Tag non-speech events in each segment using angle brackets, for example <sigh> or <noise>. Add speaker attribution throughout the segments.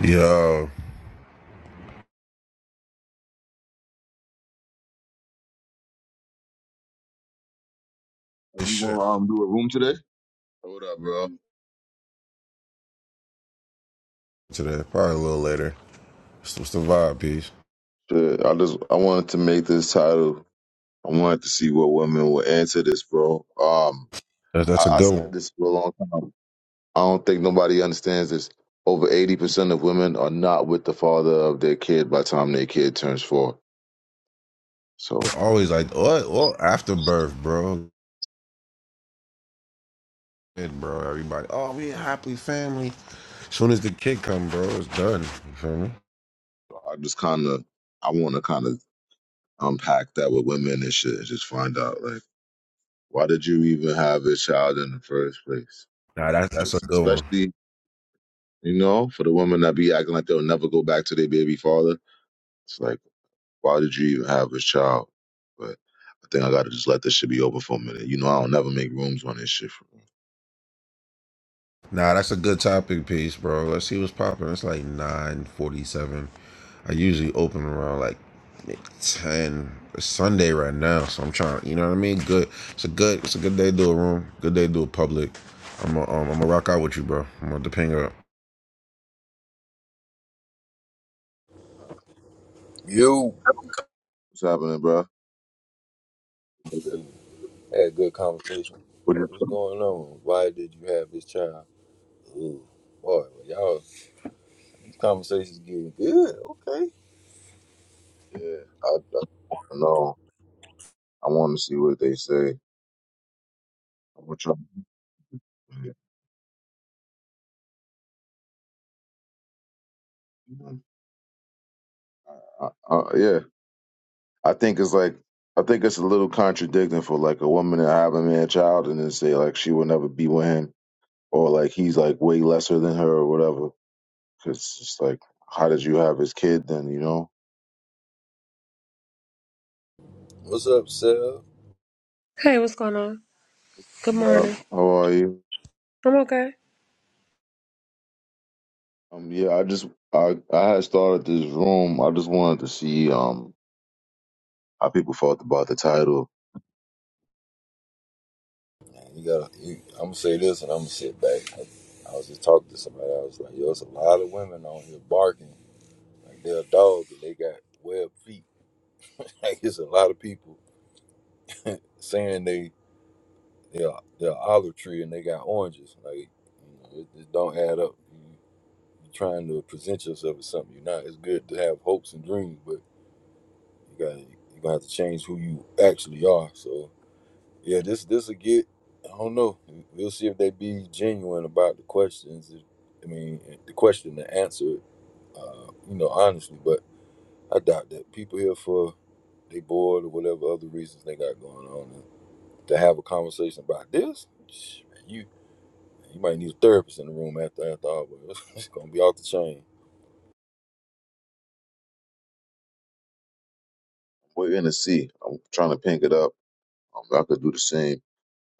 Speaker 1: Yo,
Speaker 2: Are
Speaker 1: this
Speaker 2: you
Speaker 1: shit
Speaker 2: gonna um do a room today? Hold up, bro.
Speaker 1: today. Probably a little later. It's what's the vibe, peace?
Speaker 2: Shit, I just I wanted to make this title. I wanted to see what women would answer this, bro. Um,
Speaker 1: That's, that's a
Speaker 2: I, I
Speaker 1: good
Speaker 2: said
Speaker 1: one.
Speaker 2: this for a long time. I don't think nobody understands this. Over eighty percent of women are not with the father of their kid by the time their kid turns four. So
Speaker 1: Always like, what? Well, afterbirth, bro. Shit, bro, everybody. Oh, we a happy family. Soon as the kid come, bro, it's done. You feel me?
Speaker 2: I just kind of I want to kind of unpack that with women and shit, and just find out like why did you even have a child in the first place?
Speaker 1: Nah, that's that's a
Speaker 2: Because
Speaker 1: good one.
Speaker 2: especially You know, for the women that be acting like they'll never go back to their baby father, it's like, why did you even have this child? But I think I gotta just let this shit be over for a minute. You know, I don't never make rooms on this shit. For me.
Speaker 1: Nah, that's a good topic piece, bro. Let's see what's popping. It's like nine forty-seven. I usually open around like ten. It's Sunday right now, so I'm trying. You know what I mean? Good. It's a good. It's a good day to do a room. Good day to do a public. I'm a, um, I'm gonna rock out with you, bro. I'm gonna ping up.
Speaker 3: You
Speaker 2: What's happening, bro?
Speaker 3: had a good conversation.
Speaker 2: What is-
Speaker 3: What's going on? Why did you have this child? Ooh, boy, y'all, these conversations getting good. Okay.
Speaker 2: yeah, I, I want to know. I want to see what they say. I'm gonna try. I, I, yeah, I think it's like I think it's a little contradicting for like a woman to have a man child and then say like she will never be with him or like he's like way lesser than her or whatever. It's just like, how did you have his kid then? You know,
Speaker 3: What's up, Sel?
Speaker 4: Hey, what's going on? Good
Speaker 2: love.
Speaker 4: morning.
Speaker 2: How are you?
Speaker 4: I'm okay.
Speaker 2: Um, yeah, I just I I had started this room. I just wanted to see um how people felt about the title.
Speaker 3: Man, You gotta. You, I'm gonna say this, and I'm gonna sit back. I, I was just talking to somebody. I was like, yo, it's a lot of women on here barking like they're a dog, and they got web feet. <laughs> Like it's a lot of people saying they they're they're olive tree and they got oranges. Like you know, it, it don't add up. trying to present yourself as something you're not. It's good to have hopes and dreams, but you got you gonna have to change who you actually are. So yeah, this this will get. I don't know. We'll see if they be genuine about the questions. I mean, the question, the answer, uh, you know, honestly. But I doubt that people here for they bored or whatever other reasons they got going on. And to have a conversation about this, shh, man, you you might need a therapist in the room after after all. But <laughs> it's gonna be off the chain.
Speaker 2: We're gonna see. I'm trying to pink it up. Um, I could do the same,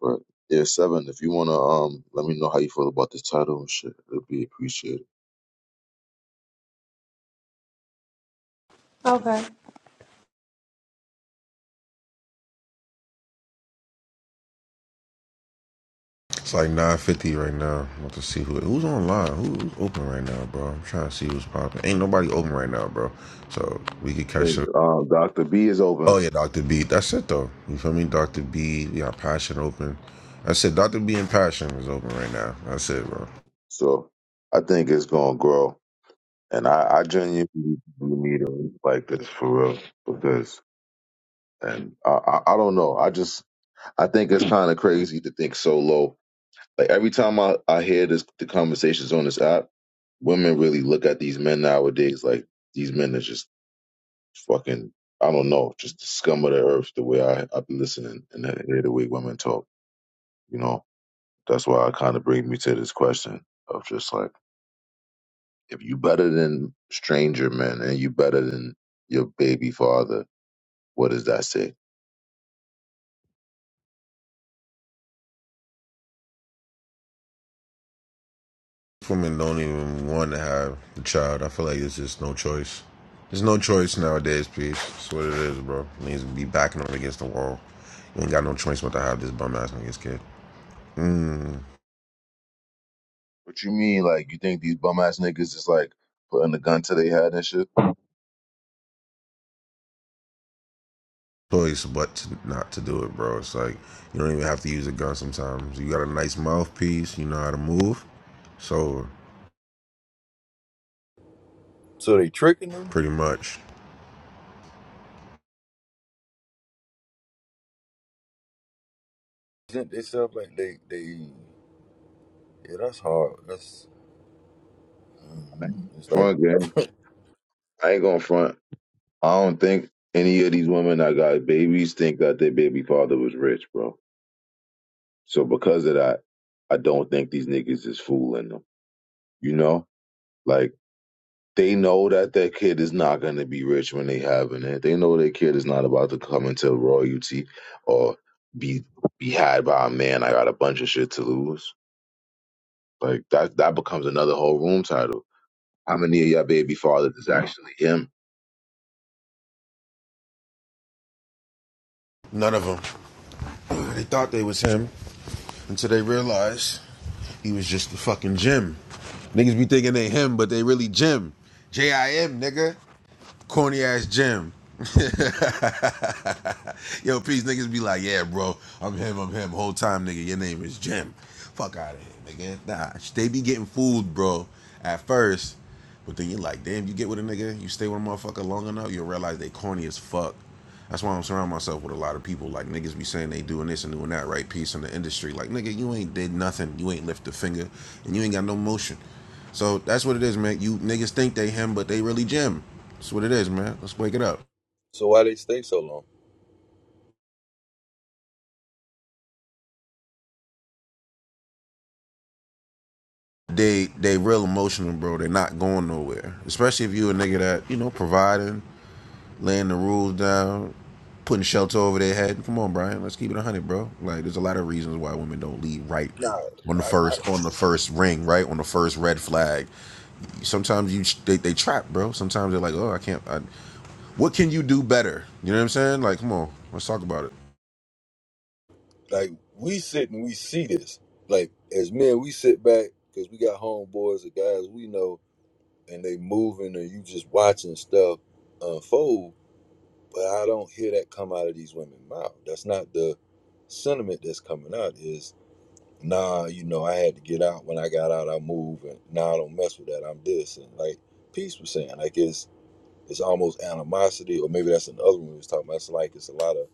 Speaker 2: but yeah, seven. If you wanna um let me know how you feel about this title and shit, it'd be appreciated.
Speaker 4: Okay.
Speaker 1: It's like nine fifty right now. I'm about to see who who's online. Who, who's open right now, bro? I'm trying to see who's popping. Ain't nobody open right now, bro. So we could
Speaker 2: I
Speaker 1: catch
Speaker 2: think
Speaker 1: up.
Speaker 2: um Doctor B is
Speaker 1: Oh
Speaker 2: open,
Speaker 1: yeah, Doctor B. That's it though. You feel me, Doctor B? We got passion open. That's it. Doctor B and passion is open right now. That's it, bro.
Speaker 2: so I think it's gonna grow. And I, I genuinely need it like this for real because and I, I, I don't know. I just I think it's <clears throat> kind of crazy to think so low. Like every time I I hear this the conversations on this app, women really look at these men nowadays like these men are just fucking I don't know, just the scum of the earth. The way I I have been listening and I hear the way women talk, you know, that's why it kind of brings me to this question of just like if you better than stranger men and you better than your baby father, what does that say?
Speaker 1: Women don't even want to have a child. I feel like it's just no choice. There's no choice nowadays, peace. That's what it is, bro. Needs to be backing up against the wall. You ain't got no choice but to have this bum ass nigga's kid.
Speaker 2: What you mean? Like you think these bum ass niggas is like putting a gun to their head and shit?
Speaker 1: Choice but to not to do it, bro. It's like you don't even have to use a gun sometimes. You got a nice mouthpiece. You know how to move. So
Speaker 3: So they tricking them
Speaker 1: pretty much
Speaker 3: present themselves like they they yeah that's hard that's it's like
Speaker 2: Front game. I ain't gonna front. I don't think any of these women that got babies think that their baby father was rich, bro. So because of that, I don't think these niggas is fooling them. You know, like they know that their kid is not gonna be rich when they having it. They know their kid is not about to come into royalty or be be had by a man. I got a bunch of shit to lose. Like that that becomes another whole room title. How many of y'all baby fathers is actually him?
Speaker 1: none of them. They thought they was him until they realized he was just the fucking Jim. Niggas be thinking they him, but they really Jim. J I M, nigga. Corny ass Jim. Yo, peace niggas be like, yeah, bro, I'm him, I'm him. Whole time, nigga, your name is Jim. Fuck out of here, nigga. Nah, they be getting fooled, bro, at first. But then you're like, damn, you get with a nigga, you stay with a motherfucker long enough, you'll realize they corny as fuck. That's why I'm surrounding myself with a lot of people. Like niggas be saying they doing this and doing that, right? Peace in the industry. Like nigga, you ain't did nothing. You ain't lift a finger, and you ain't got no motion. So that's what it is, man. You niggas think they him, but they really Jim. That's what it is, man. Let's wake it up.
Speaker 3: so why they stay so long
Speaker 1: they they real emotional, bro. They're not going nowhere. Especially if you a nigga that you know providing, laying the rules down, putting shelter over their head. Come on, Brian. Let's keep it one hundred, bro. Like there's a lot of reasons why women don't lead right
Speaker 3: nah
Speaker 1: on the
Speaker 3: I, I
Speaker 1: first on the first ring, right on the first red flag. Sometimes you they they trap, bro. Sometimes they're like, oh, I can't. I, what can you do better? You know what I'm saying? Like, come on, let's talk about it.
Speaker 3: like we sit and we see this like as men we sit back because we got homeboys the guys we know and they moving and you just watching stuff unfold but I don't hear that come out of these women's mouth that's not the sentiment that's coming out is nah you know I had to get out when I got out I moved and now nah, I don't mess with that I'm this and like peace was saying like it's It's almost animosity, or maybe that's another one we was talking about. It's like it's a lot of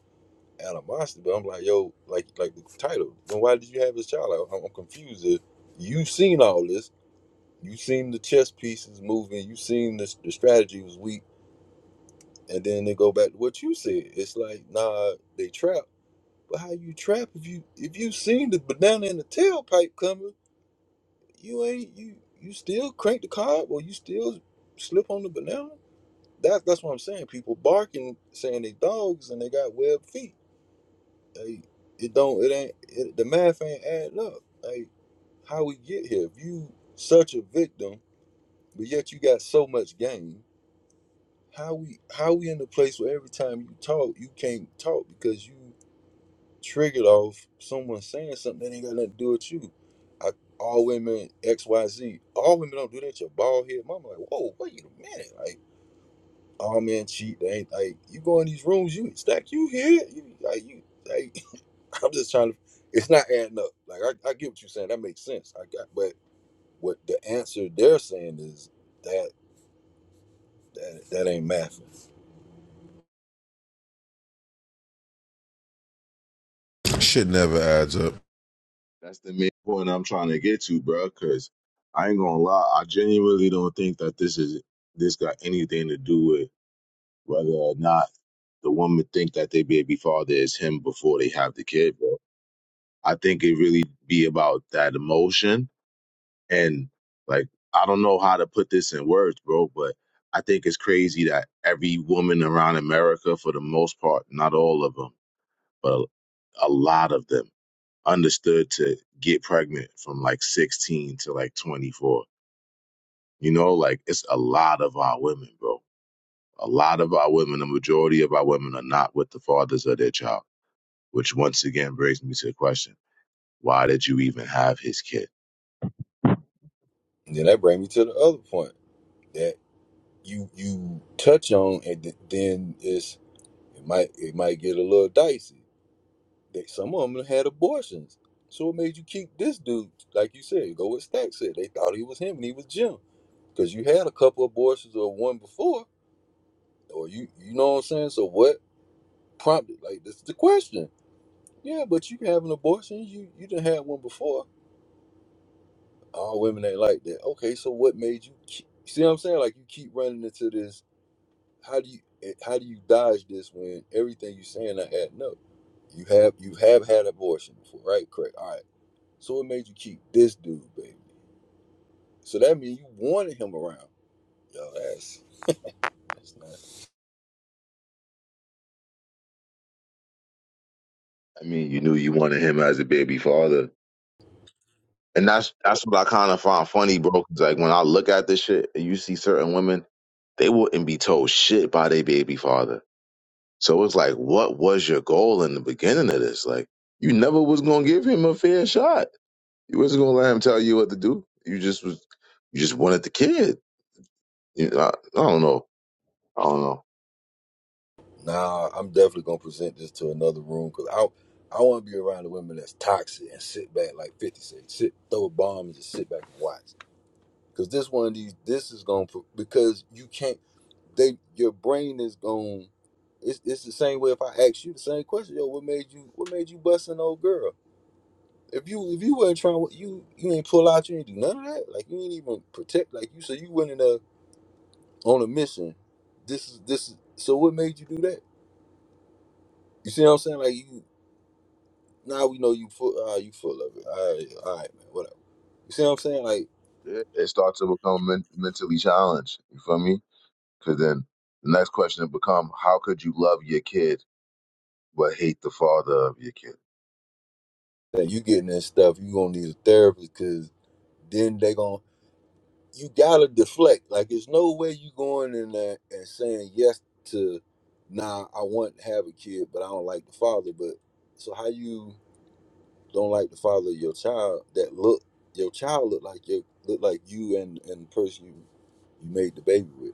Speaker 3: animosity, but I'm like, yo, like like the title. Then why did you have this child? Like, I'm, confused. You've seen all this. You've seen the chess pieces moving. You've seen this, the strategy was weak, and then they go back to what you said. It's like, nah, they trap. But how you trap if you if you seen the banana in the tailpipe coming? You ain't you you still crank the car, or you still slip on the banana? That that's what I'm saying. People barking, saying they dogs and they got webbed feet. Like, it don't. It ain't. It, the math ain't adding up. Like how we get here? If you such a victim, but yet you got so much game. How we how we in the place where every time you talk, you can't talk because you triggered off someone saying something that ain't got nothing to do with you. I, all women X Y Z. All women don't do that. Your bald head mama like, whoa, wait a minute. like. all men cheat. They ain't like you go in these rooms, you stack, you here, you like you. Like, <laughs> I'm just trying to. It's not adding up. Like I, I get what you're saying. That makes sense. I got, but what the answer they're saying is that that that ain't math.
Speaker 1: Shit never adds up.
Speaker 2: That's the main point I'm trying to get to, bro. Because I ain't gonna lie, I genuinely don't think that this is this got anything to do with whether or not the woman think that their baby father is him before they have the kid, bro. I think it really be about that emotion and like I don't know how to put this in words, bro, but I think it's crazy that every woman around America, for the most part, not all of them, but a, a lot of them understood to get pregnant from like 16 to like 24. You know, like it's a lot of our women, bro. A lot of our women, the majority of our women are not with the fathers of their child, which once again brings me to the question why did you even have his kid?
Speaker 3: And then that brings me to the other point that you you touch on, and th- then it's it might it might get a little dicey. That some of them had abortions, so it made you keep this dude. Like you said, go with Stack said. They thought he was him, and he was Jim because you had a couple abortions or one before, or you you know what I'm saying. So what prompted? Like this is the question. Yeah, but you can have an abortion. You you didn't have one before. All women ain't like that. Okay, so what made you? Keep, see what I'm saying? Like you keep running into this. How do you eh, how do you dodge this when everything you saying I had no? You have you have had abortion before, right? Correct. All right. So what made you keep this dude, baby? So that means you wanted him around. Yo, that's that's nuts.
Speaker 2: I mean, you knew you wanted him as a baby father. And that's that's what I kind of find funny, bro. 'cause, like when I look at this shit and you see certain women, they wouldn't be told shit by their baby father So it's like, what was your goal in the beginning of this? Like, you never was gonna give him a fair shot. You wasn't gonna let him tell you what to do. You just was, you just wanted the kid. You know, I, I don't know. I don't know.
Speaker 3: Nah, I'm definitely gonna present this to another room because I I want to be around the women that's toxic and sit back like Fifty said, sit throw a bomb and just sit back and watch. Because this one of these, this is gonna pro- because you can't. They your brain is going. It's it's the same way. If I ask you the same question, yo, what made you what made you bust an old girl? If you if you wasn't trying, you you ain't pull out, you ain't do none of that. Like you ain't even protect. Like you, so you went in a on a mission. This is this. is So what made you do that? You see what I'm saying? Like you. Now we know you full. Uh, you full of it. All right, all right, man. Whatever. You see what I'm saying? Like
Speaker 2: It, it starts to become men- mentally challenged. You feel me? Because then the next question would become, how could you love your kid but hate the father of your kid?
Speaker 3: that you getting that stuff. You gonna need a therapist because then they gonna. You gotta deflect. Like there's no way you going in there and saying yes to. Nah, I want to have a kid, but I don't like the father. But so how you don't like the father of your child? That look your child look like your look like you and and the person you you made the baby with.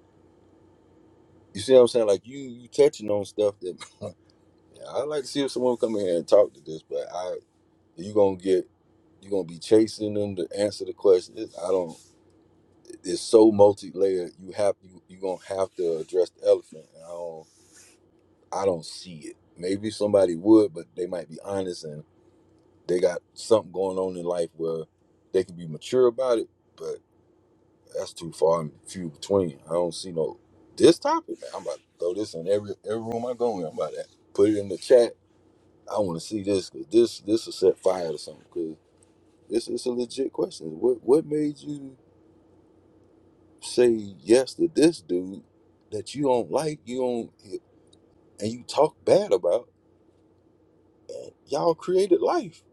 Speaker 3: You see what I'm saying? Like you you touching on stuff that. Yeah, I'd like to see if someone come in here and talk to this, but I you gonna get you gonna be chasing them to answer the question. It- I don't. It's so multi layered. You have you you gonna have to address the elephant. And I don't I don't see it. Maybe somebody would, but they might be honest and they got something going on in life where they can be mature about it. But that's too far and few between. I don't see no this topic. Man, I'm about to throw this in every every room I go in. I'm about to put it in the chat I want to see this. 'cause This this will set fire to something. Cause it's it's a legit question. What what made you say yes to this dude that you don't like? You don't and you talk bad about. And y'all created life.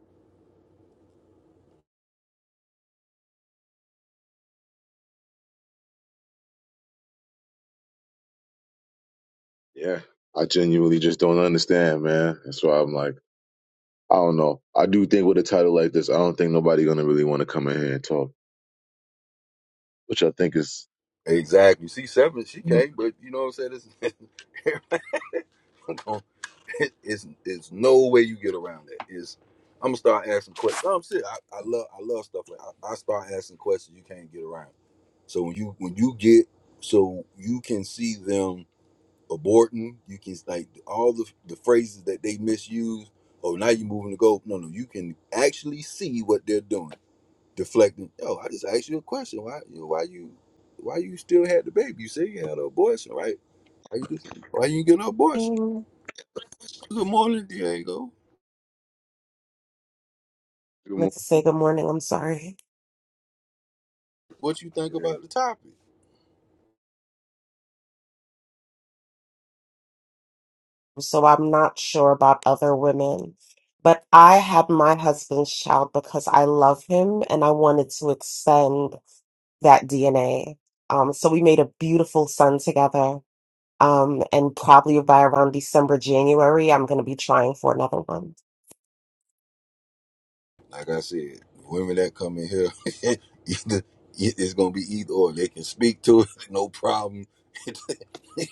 Speaker 2: Yeah, I genuinely just don't understand, man. That's why I'm like, I don't know. I do think with a title like this, I don't think nobody gonna really want to come in here and talk. which I think is
Speaker 3: Exactly. C seven, she
Speaker 2: Mm,
Speaker 3: came, but you know what I'm saying. It's, <laughs> everything gon- it- it's it's no way you get around that. It's I'm gonna start asking questions. No, I'm serious. I, I love I love stuff like I, I start asking questions you can't get around. So when you when you get so you can see them aborting. You can like all the the phrases that they misuse. Oh, now you're moving the goal. No, no, you can actually see what they're doing. Deflecting. Yo, I just asked you a question. Why you know, why you why you still had the baby? You said you had an abortion, right? Why you just, why you get an
Speaker 5: I
Speaker 3: abortion?
Speaker 5: meant
Speaker 3: Good morning, Diego.
Speaker 2: good move.
Speaker 5: to say good morning. I'm sorry.
Speaker 3: What you think
Speaker 2: man.
Speaker 3: about the topic?
Speaker 5: So I'm not sure about other women, but I had my husband's child because I love him and I wanted to extend that DNA. Um, so we made a beautiful son together. Um, and probably by around December, January, I'm going to be trying for another one.
Speaker 3: Like I said, the women that come in here, <laughs> either it's gonna be either or. They can speak to it, no problem. <laughs>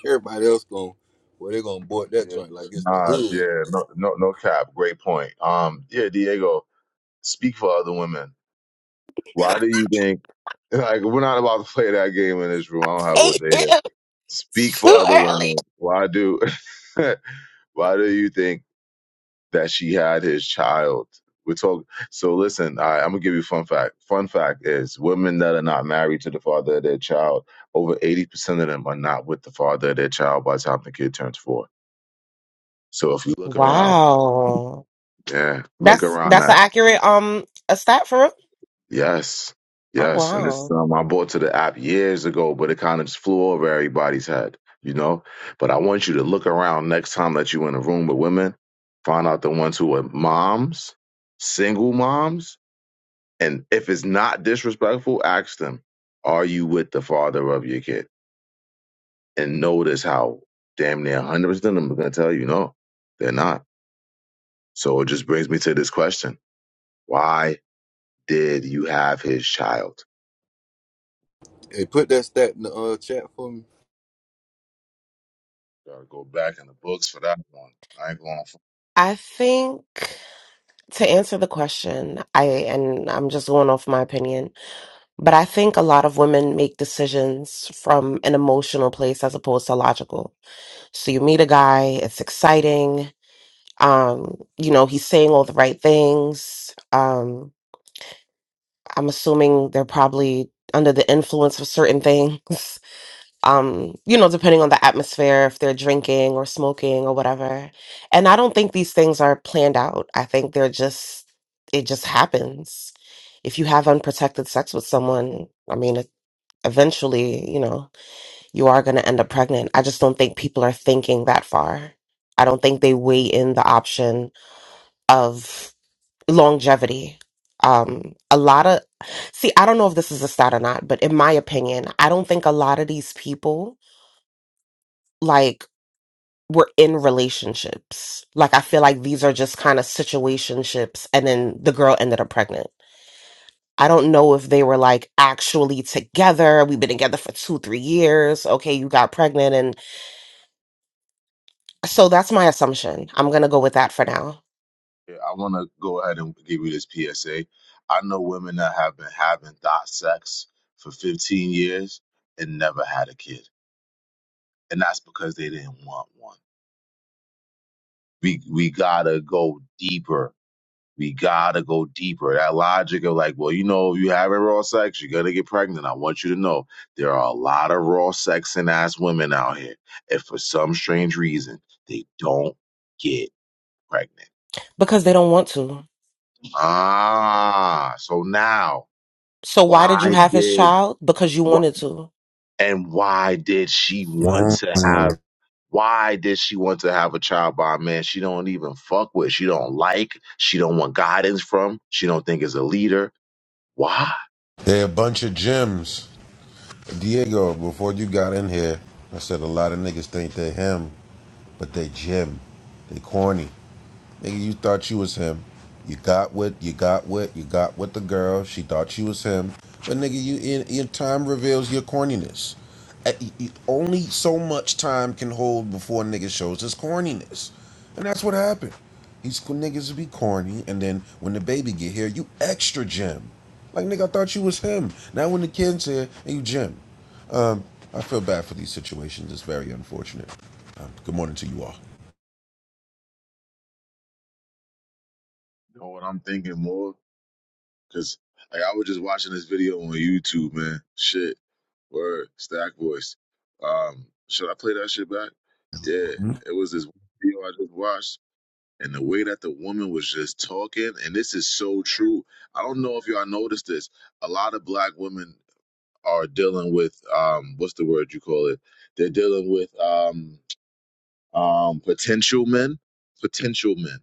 Speaker 3: Everybody else gonna, well, they're gonna board that
Speaker 2: Yeah,
Speaker 3: joint like it's the
Speaker 2: Nah,
Speaker 3: hood.
Speaker 2: yeah, no, no, no cap. Great point. Um, yeah, Diego, speak for other women. Why do you think? <laughs> Like, we're not about to play that game in this room. I don't have what
Speaker 5: 8
Speaker 2: they hear.
Speaker 5: p.m.
Speaker 2: Speak
Speaker 5: It's
Speaker 2: for
Speaker 5: too
Speaker 2: other
Speaker 5: early.
Speaker 2: women. Why do? <laughs> why do you think that she had his child? We're talk. So listen, I, I'm gonna give you a fun fact. Fun fact is, women that are not married to the father of their child, over 80% of them are not with the father of their child by the time the kid turns four. So if you look around,
Speaker 5: Wow.
Speaker 2: yeah, look
Speaker 5: That's
Speaker 2: around
Speaker 5: that's an
Speaker 2: that.
Speaker 5: accurate um a stat for real?
Speaker 2: Yes.
Speaker 5: Oh
Speaker 2: Yes. And it's
Speaker 5: wow.
Speaker 2: um I bought to the app years ago, but it kind of just flew over everybody's head, you know? But I want you to look around next time that you're in a room with women, find out the ones who are moms, single moms, and if it's not disrespectful, ask them, are you with the father of your kid? And notice how damn near 100% of them are going to tell you no, they're not. So it just brings me to this question. Why did you have his child?
Speaker 3: Hey, put that stat in the uh, chat for me.
Speaker 2: Gotta go back in the books for that one. I ain't going. For
Speaker 5: I think to answer the question, I and I'm just going off my opinion, but I think a lot of women make decisions from an emotional place as opposed to logical. So you meet a guy, it's exciting. Um, you know, he's saying all the right things. Um, I'm assuming they're probably under the influence of certain things. <laughs> um, you know, depending on the atmosphere, if they're drinking or smoking or whatever. And I don't think these things are planned out. I think they're just, it just happens. If you have unprotected sex with someone, I mean, it, eventually, you know, you are going to end up pregnant. I just don't think people are thinking that far. I don't think they weigh in the option of longevity. Um, a lot of, see, I don't know if this is a stat or not, but in my opinion, I don't think a lot of these people, like were in relationships. Like I feel like these are just kind of situationships and then the girl ended up pregnant. I don't know if they were like actually together. We've been together for 2-3 years. Okay, you got pregnant and so that's my assumption. I'm going to go with that for now
Speaker 2: I want to go ahead and give you this PSA. I know women that have been having dot sex for 15 years and never had a kid, and that's because they didn't want one. We we gotta go deeper We gotta go deeper. That logic of like, well, you know, if you have a raw sex, you're gonna get pregnant. I want you to know there are a lot of raw sexing ass women out here. and for some strange reason they don't get pregnant.
Speaker 5: because they don't want to.
Speaker 2: Ah, so now
Speaker 5: So why did you
Speaker 2: why
Speaker 5: have his
Speaker 2: did
Speaker 5: child? Because you
Speaker 2: why,
Speaker 5: wanted to.
Speaker 2: and why did she want to have why did she want to have a child by a man she don't even fuck with she don't like she don't want guidance from she don't think is a leader why
Speaker 1: They're a bunch of gems. Diego, before you got in here, I said a lot of niggas think they him, but they Jim. They corny. Nigga, you thought you was him. You got with, you got with, you got with the girl. She thought you was him. But nigga, you in, in time reveals your corniness. Uh, y- y- Only so much time can hold before nigga shows his corniness. And that's what happened. These co- niggas be corny, and then when the baby get here, you extra Jim. Like nigga, I thought you was him. Now when the kid's here, you Jim. Um, I feel bad for these situations. It's very unfortunate. Good morning to you all.
Speaker 2: You know what I'm thinking more? Cause like I was just watching this video on YouTube, man. Shit. Word, stack voice. Um, should I play that shit back? Yeah. It was this video I just watched and the way that the woman was just talking, and this is so true. I don't know if y'all noticed this. A lot of black women are dealing with um what's the word you call it? They're dealing with um um potential men. Potential men.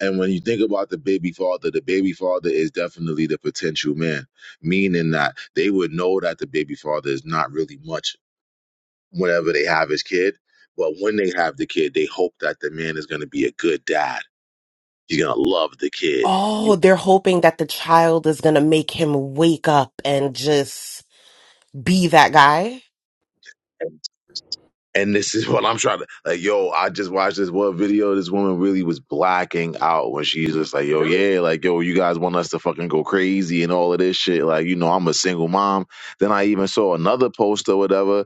Speaker 2: And when you think about the baby father, the baby father is definitely the potential man, meaning that they would know that the baby father is not really much whenever they have his kid. But when they have the kid, they hope that the man is going to be a good dad. He's going to love the kid.
Speaker 5: Oh, they're hoping that the child is going to make him wake up and just be that guy.
Speaker 2: And this is <laughs> what I'm trying to like, yo, I just watched this one video. This woman really was blacking out when she's just like, yo, yeah, like, yo, you guys want us to fucking go crazy and all of this shit. Like, you know, I'm a single mom. Then I even saw another post or whatever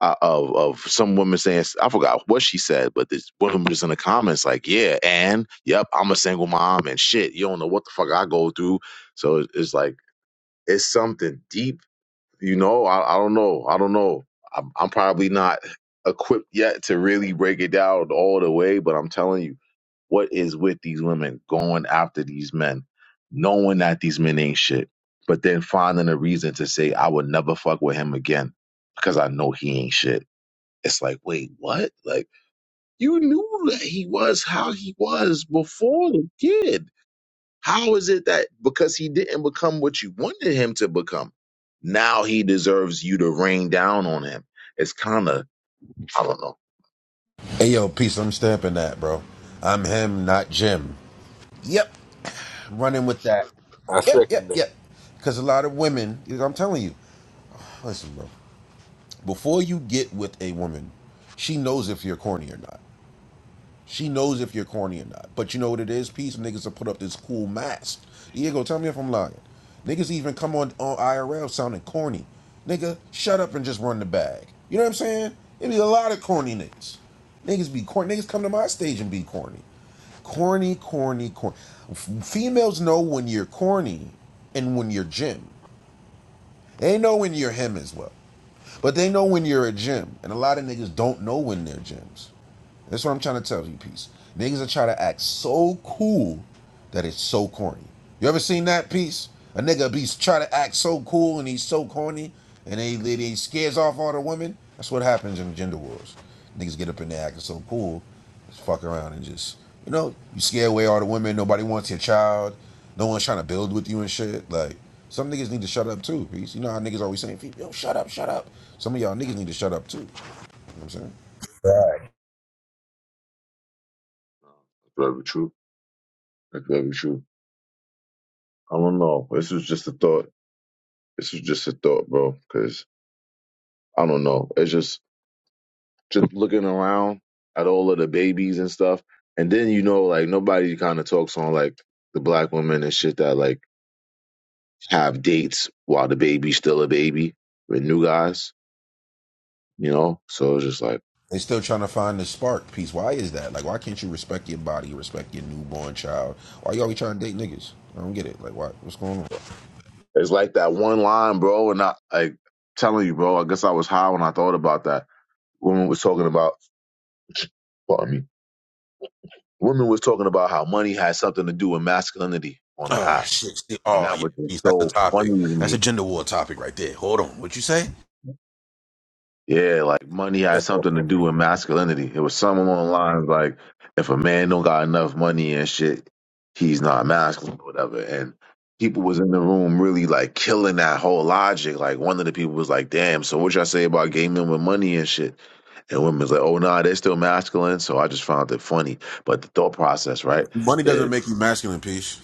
Speaker 2: uh, of of some woman saying I forgot what she said, but this woman was in the comments like, "Yeah, and yep, I'm a single mom and shit. You don't know what the fuck I go through." So it's, it's like it's something deep, you know. I, I don't know. I don't know. I'm, I'm probably not equipped yet to really break it down all the way, but I'm telling you, what is with these women going after these men, knowing that these men ain't shit, but then finding a reason to say I would never fuck with him again because I know he ain't shit it's like, wait, what? Like, you knew that he was how he was before the kid. How is it that because he didn't become what you wanted him to become, now he deserves you to rain down on him? It's kind of, I don't know.
Speaker 1: Hey, yo, peace. I'm stamping that, bro. I'm him, not Jim. Yep. Running with that.
Speaker 3: I
Speaker 1: Yep,
Speaker 3: second
Speaker 1: yep, yep. Because a lot of women, I'm telling you, listen, bro, before you get with a woman, she knows if you're corny or not. She knows if you're corny or not. But you know what it is? Peace niggas will put up this cool mask. Diego, tell me if I'm lying. Niggas even come on, on IRL sounding corny. Nigga, shut up and just run the bag. You know what I'm saying? It be a lot of corny niggas. Niggas be corny. Niggas come to my stage and be corny. Corny, corny, corny. Females know when you're corny and when you're Jim. They know when you're him as well. But they know when you're a Jim. And a lot of niggas don't know when they're Jims. That's what I'm trying to tell you, peace. Niggas are trying to act so cool that it's so corny. You ever seen that peace? A nigga be try to act so cool and he's so corny, and they they scares off all the women. That's what happens in gender wars. Niggas get up in there acting so cool, just fuck around and just you know you scare away all the women. Nobody wants your child. No one's trying to build with you and shit. Like some niggas need to shut up too, peace. You know how niggas always saying, "Yo, shut up, shut up." Some of y'all niggas need to shut up too. You know what I'm saying?
Speaker 2: Very true. That's very true. I don't know. This was just a thought. This was just a thought, bro. Because I don't know. It's just just looking around at all of the babies and stuff, and then you know, like nobody kind of talks on like the black women and shit that like have dates while the baby's still a baby with new guys, you know? So it's just like,
Speaker 1: They're still trying to find the spark piece. Why is that? Like, why can't you respect your body, respect your newborn child? Why you
Speaker 2: so,
Speaker 1: always trying to date niggas? I don't get it. Like, why? What's going on?
Speaker 2: it's like that one line, bro. And I, like, telling you, bro, I guess I was high when I thought about that. Woman was talking about, pardon me, woman was talking about how money had something to do with masculinity on the
Speaker 1: Oh
Speaker 2: app.
Speaker 1: shit! See,
Speaker 2: And
Speaker 1: oh
Speaker 2: that
Speaker 1: yeah,
Speaker 2: was just
Speaker 1: peace. That's a
Speaker 2: so funny
Speaker 1: topic.
Speaker 2: to
Speaker 1: That's a
Speaker 2: me
Speaker 1: gender war topic right there. Hold on. What you say?
Speaker 2: Yeah, like money had
Speaker 3: that.
Speaker 2: something to do with masculinity. It was some along the lines like if a man don't got enough money and shit, he's not masculine or whatever. And people was in the room really like killing that whole logic. Like one of the people was like, "Damn, so what y'all say about gay men with money and shit?" And women was like, "Oh nah, they're still masculine." So I just found it funny. But the thought process, right?
Speaker 1: Money doesn't make you masculine, peace.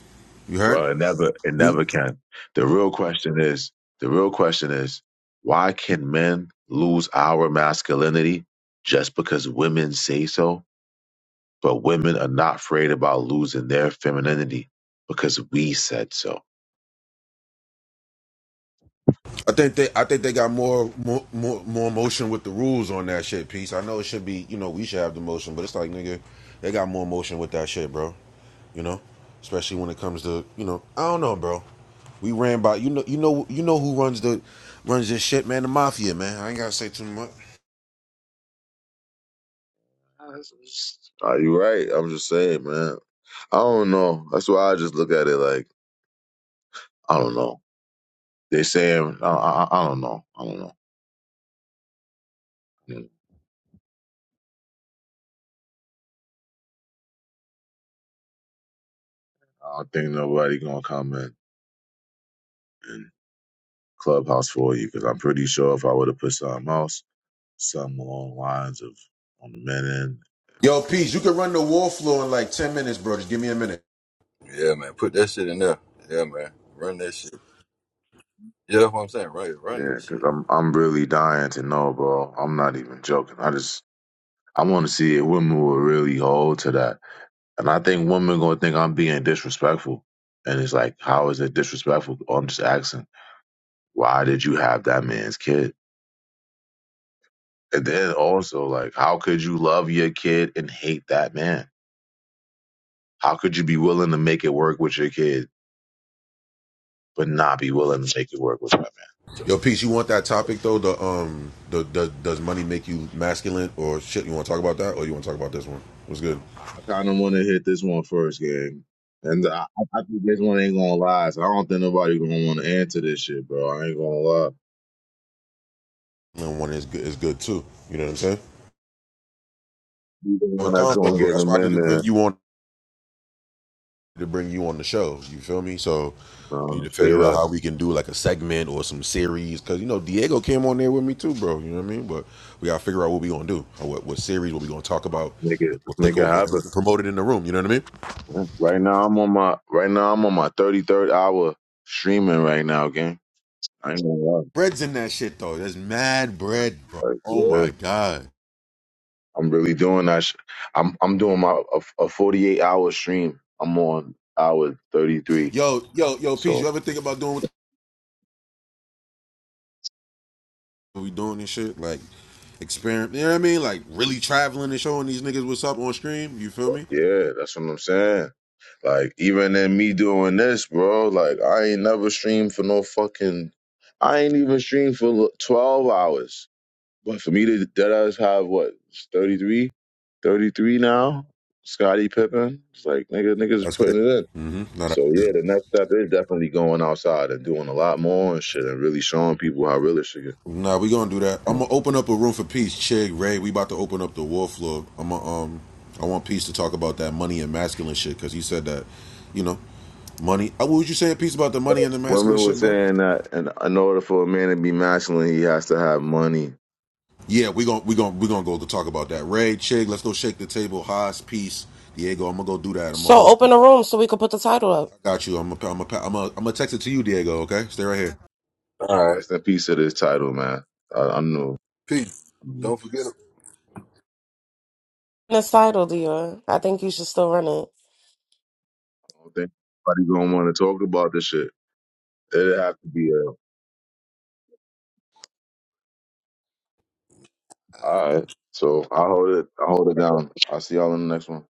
Speaker 1: You heard?
Speaker 2: Well, it never, it
Speaker 1: We.
Speaker 2: never can. The real question is, the real question is, why can men lose our masculinity just because women say so? But women are not afraid about losing their femininity because we said so.
Speaker 1: I think they. I think they got more, more, more, more motion with the rules on that shit, peace. I know it should be. You know, we should have the motion, but it's like, nigga, they got more motion with that shit, bro. you know, especially when it comes to you know, I don't know, bro. We ran by you know you know you know who runs the runs this shit, man. The mafia, man. I ain't gotta say too much.
Speaker 2: Are you right? I'm just saying, man. I don't know. That's why I just look at it like I don't know. They saying I, I, I don't know. I don't know. I don't think nobody gonna come in. and Clubhouse for you because I'm pretty sure if I would have put something else, something along the lines of on the men end.
Speaker 1: Yo, peace. You can run the wall floor in like ten minutes, bro. Just give me a minute.
Speaker 3: <laughs> yeah, man, put that shit in there. Yeah, man, run that shit. Yeah, that's what I'm saying. Right, run that
Speaker 2: Yeah, because
Speaker 3: shit.
Speaker 2: I'm I'm really dying to know, bro. I'm not even joking. I just I want to see if women will really hold to that, and I think women gonna think I'm being disrespectful. And it's like, how is it disrespectful? I'm just asking, why did you have that man's kid? And then also, like, how could you love your kid and hate that man? How could you be willing to make it work with your kid, but not be willing to make it work with her?
Speaker 1: Yo, peace. You want that topic though? The um, the, the does money make you masculine or shit? You want to talk about that, or you want to talk about this one? What's good?
Speaker 2: I, I kind of want to hit this one first, gang. And I, I think this one ain't gonna last. I don't think nobody gonna want to answer this shit, bro. I ain't gonna lie.
Speaker 1: And one is good is good too. You know what I'm saying?
Speaker 2: Be the one
Speaker 1: a
Speaker 2: that's
Speaker 1: combo,
Speaker 2: gonna
Speaker 1: bro.
Speaker 2: get
Speaker 1: That's
Speaker 2: him
Speaker 1: why I need
Speaker 2: in
Speaker 1: to bring
Speaker 2: there.
Speaker 1: you on to bring you on the show. You feel me? So we need
Speaker 2: Um,
Speaker 1: to
Speaker 2: say
Speaker 1: figure out
Speaker 2: that.
Speaker 1: how we can do like a segment or some series because you know Diego came on there with me too, bro. You know what I mean? But we gotta figure out what we gonna do, or what what series what we gonna talk about.
Speaker 2: Make
Speaker 1: and
Speaker 2: it
Speaker 1: We'll take
Speaker 2: make it
Speaker 1: over and we
Speaker 2: happen.
Speaker 1: can promote it in the room. You know what I mean?
Speaker 2: Right now, I'm on my right now I'm on my 33rd hour streaming right now, gang. I ain't gonna lie.
Speaker 1: Bread's in that shit though. There's mad bread, bro.
Speaker 2: Like,
Speaker 1: Oh
Speaker 2: yeah,
Speaker 1: my god.
Speaker 2: I'm really doing that. Sh- I'm I'm doing my a, a 48 hour stream. I'm on hour 33.
Speaker 1: Yo, yo, yo, peace.
Speaker 2: so.
Speaker 1: You ever think about doing what the- we doing and shit like? Experiment, you know what I mean? Like really traveling and showing these niggas what's up on stream. You feel
Speaker 2: Fuck
Speaker 1: me?
Speaker 2: yeah, that's what I'm saying. Like even in me doing this, bro, like I ain't never streamed for no fucking. I ain't even streamed for twelve hours. But for me to that us have what 33, 33 now. Scotty Pippen, it's like nigga, niggas
Speaker 1: That's
Speaker 2: putting
Speaker 1: crazy.
Speaker 2: it in.
Speaker 1: Mm-hmm. No, that's
Speaker 2: So
Speaker 1: crazy.
Speaker 2: yeah, the next step is definitely going outside and doing a lot more and shit, and really showing people how real it should get.
Speaker 1: Nah, we gonna do that. I'm gonna open up a room for peace, Chig Ray. We about to open up the war floor. I'm gonna, um, I want peace to talk about that money and masculine shit because he said that, you know, money. Uh, what would you say, peace about the money and the masculine
Speaker 2: Women were
Speaker 1: shit, bro?
Speaker 2: saying that, in, in order for a man to be masculine, he has to have money.
Speaker 1: Yeah, we gonna we gonna we gonna go to talk about that. Ray, Chig, let's go shake the table. Haas, peace, Diego. I'm gonna go do that. I'm gonna
Speaker 5: So
Speaker 1: hold.
Speaker 5: open a
Speaker 1: I
Speaker 5: room so we could put the title up.
Speaker 1: got you. I'm gonna I'm gonna I'm gonna, I'm gonna text it to you, Diego. Okay, stay right here.
Speaker 3: All right,
Speaker 2: Rest in peace to this title, man. I, I know.
Speaker 3: peace.
Speaker 2: I
Speaker 3: Don't forget.
Speaker 5: This title, Dior. I think you should still run it.
Speaker 2: don't think nobody gonna want to talk about this shit. It'd have to be a. All right. So I hold it. I hold it down. I'll see y'all in the next one.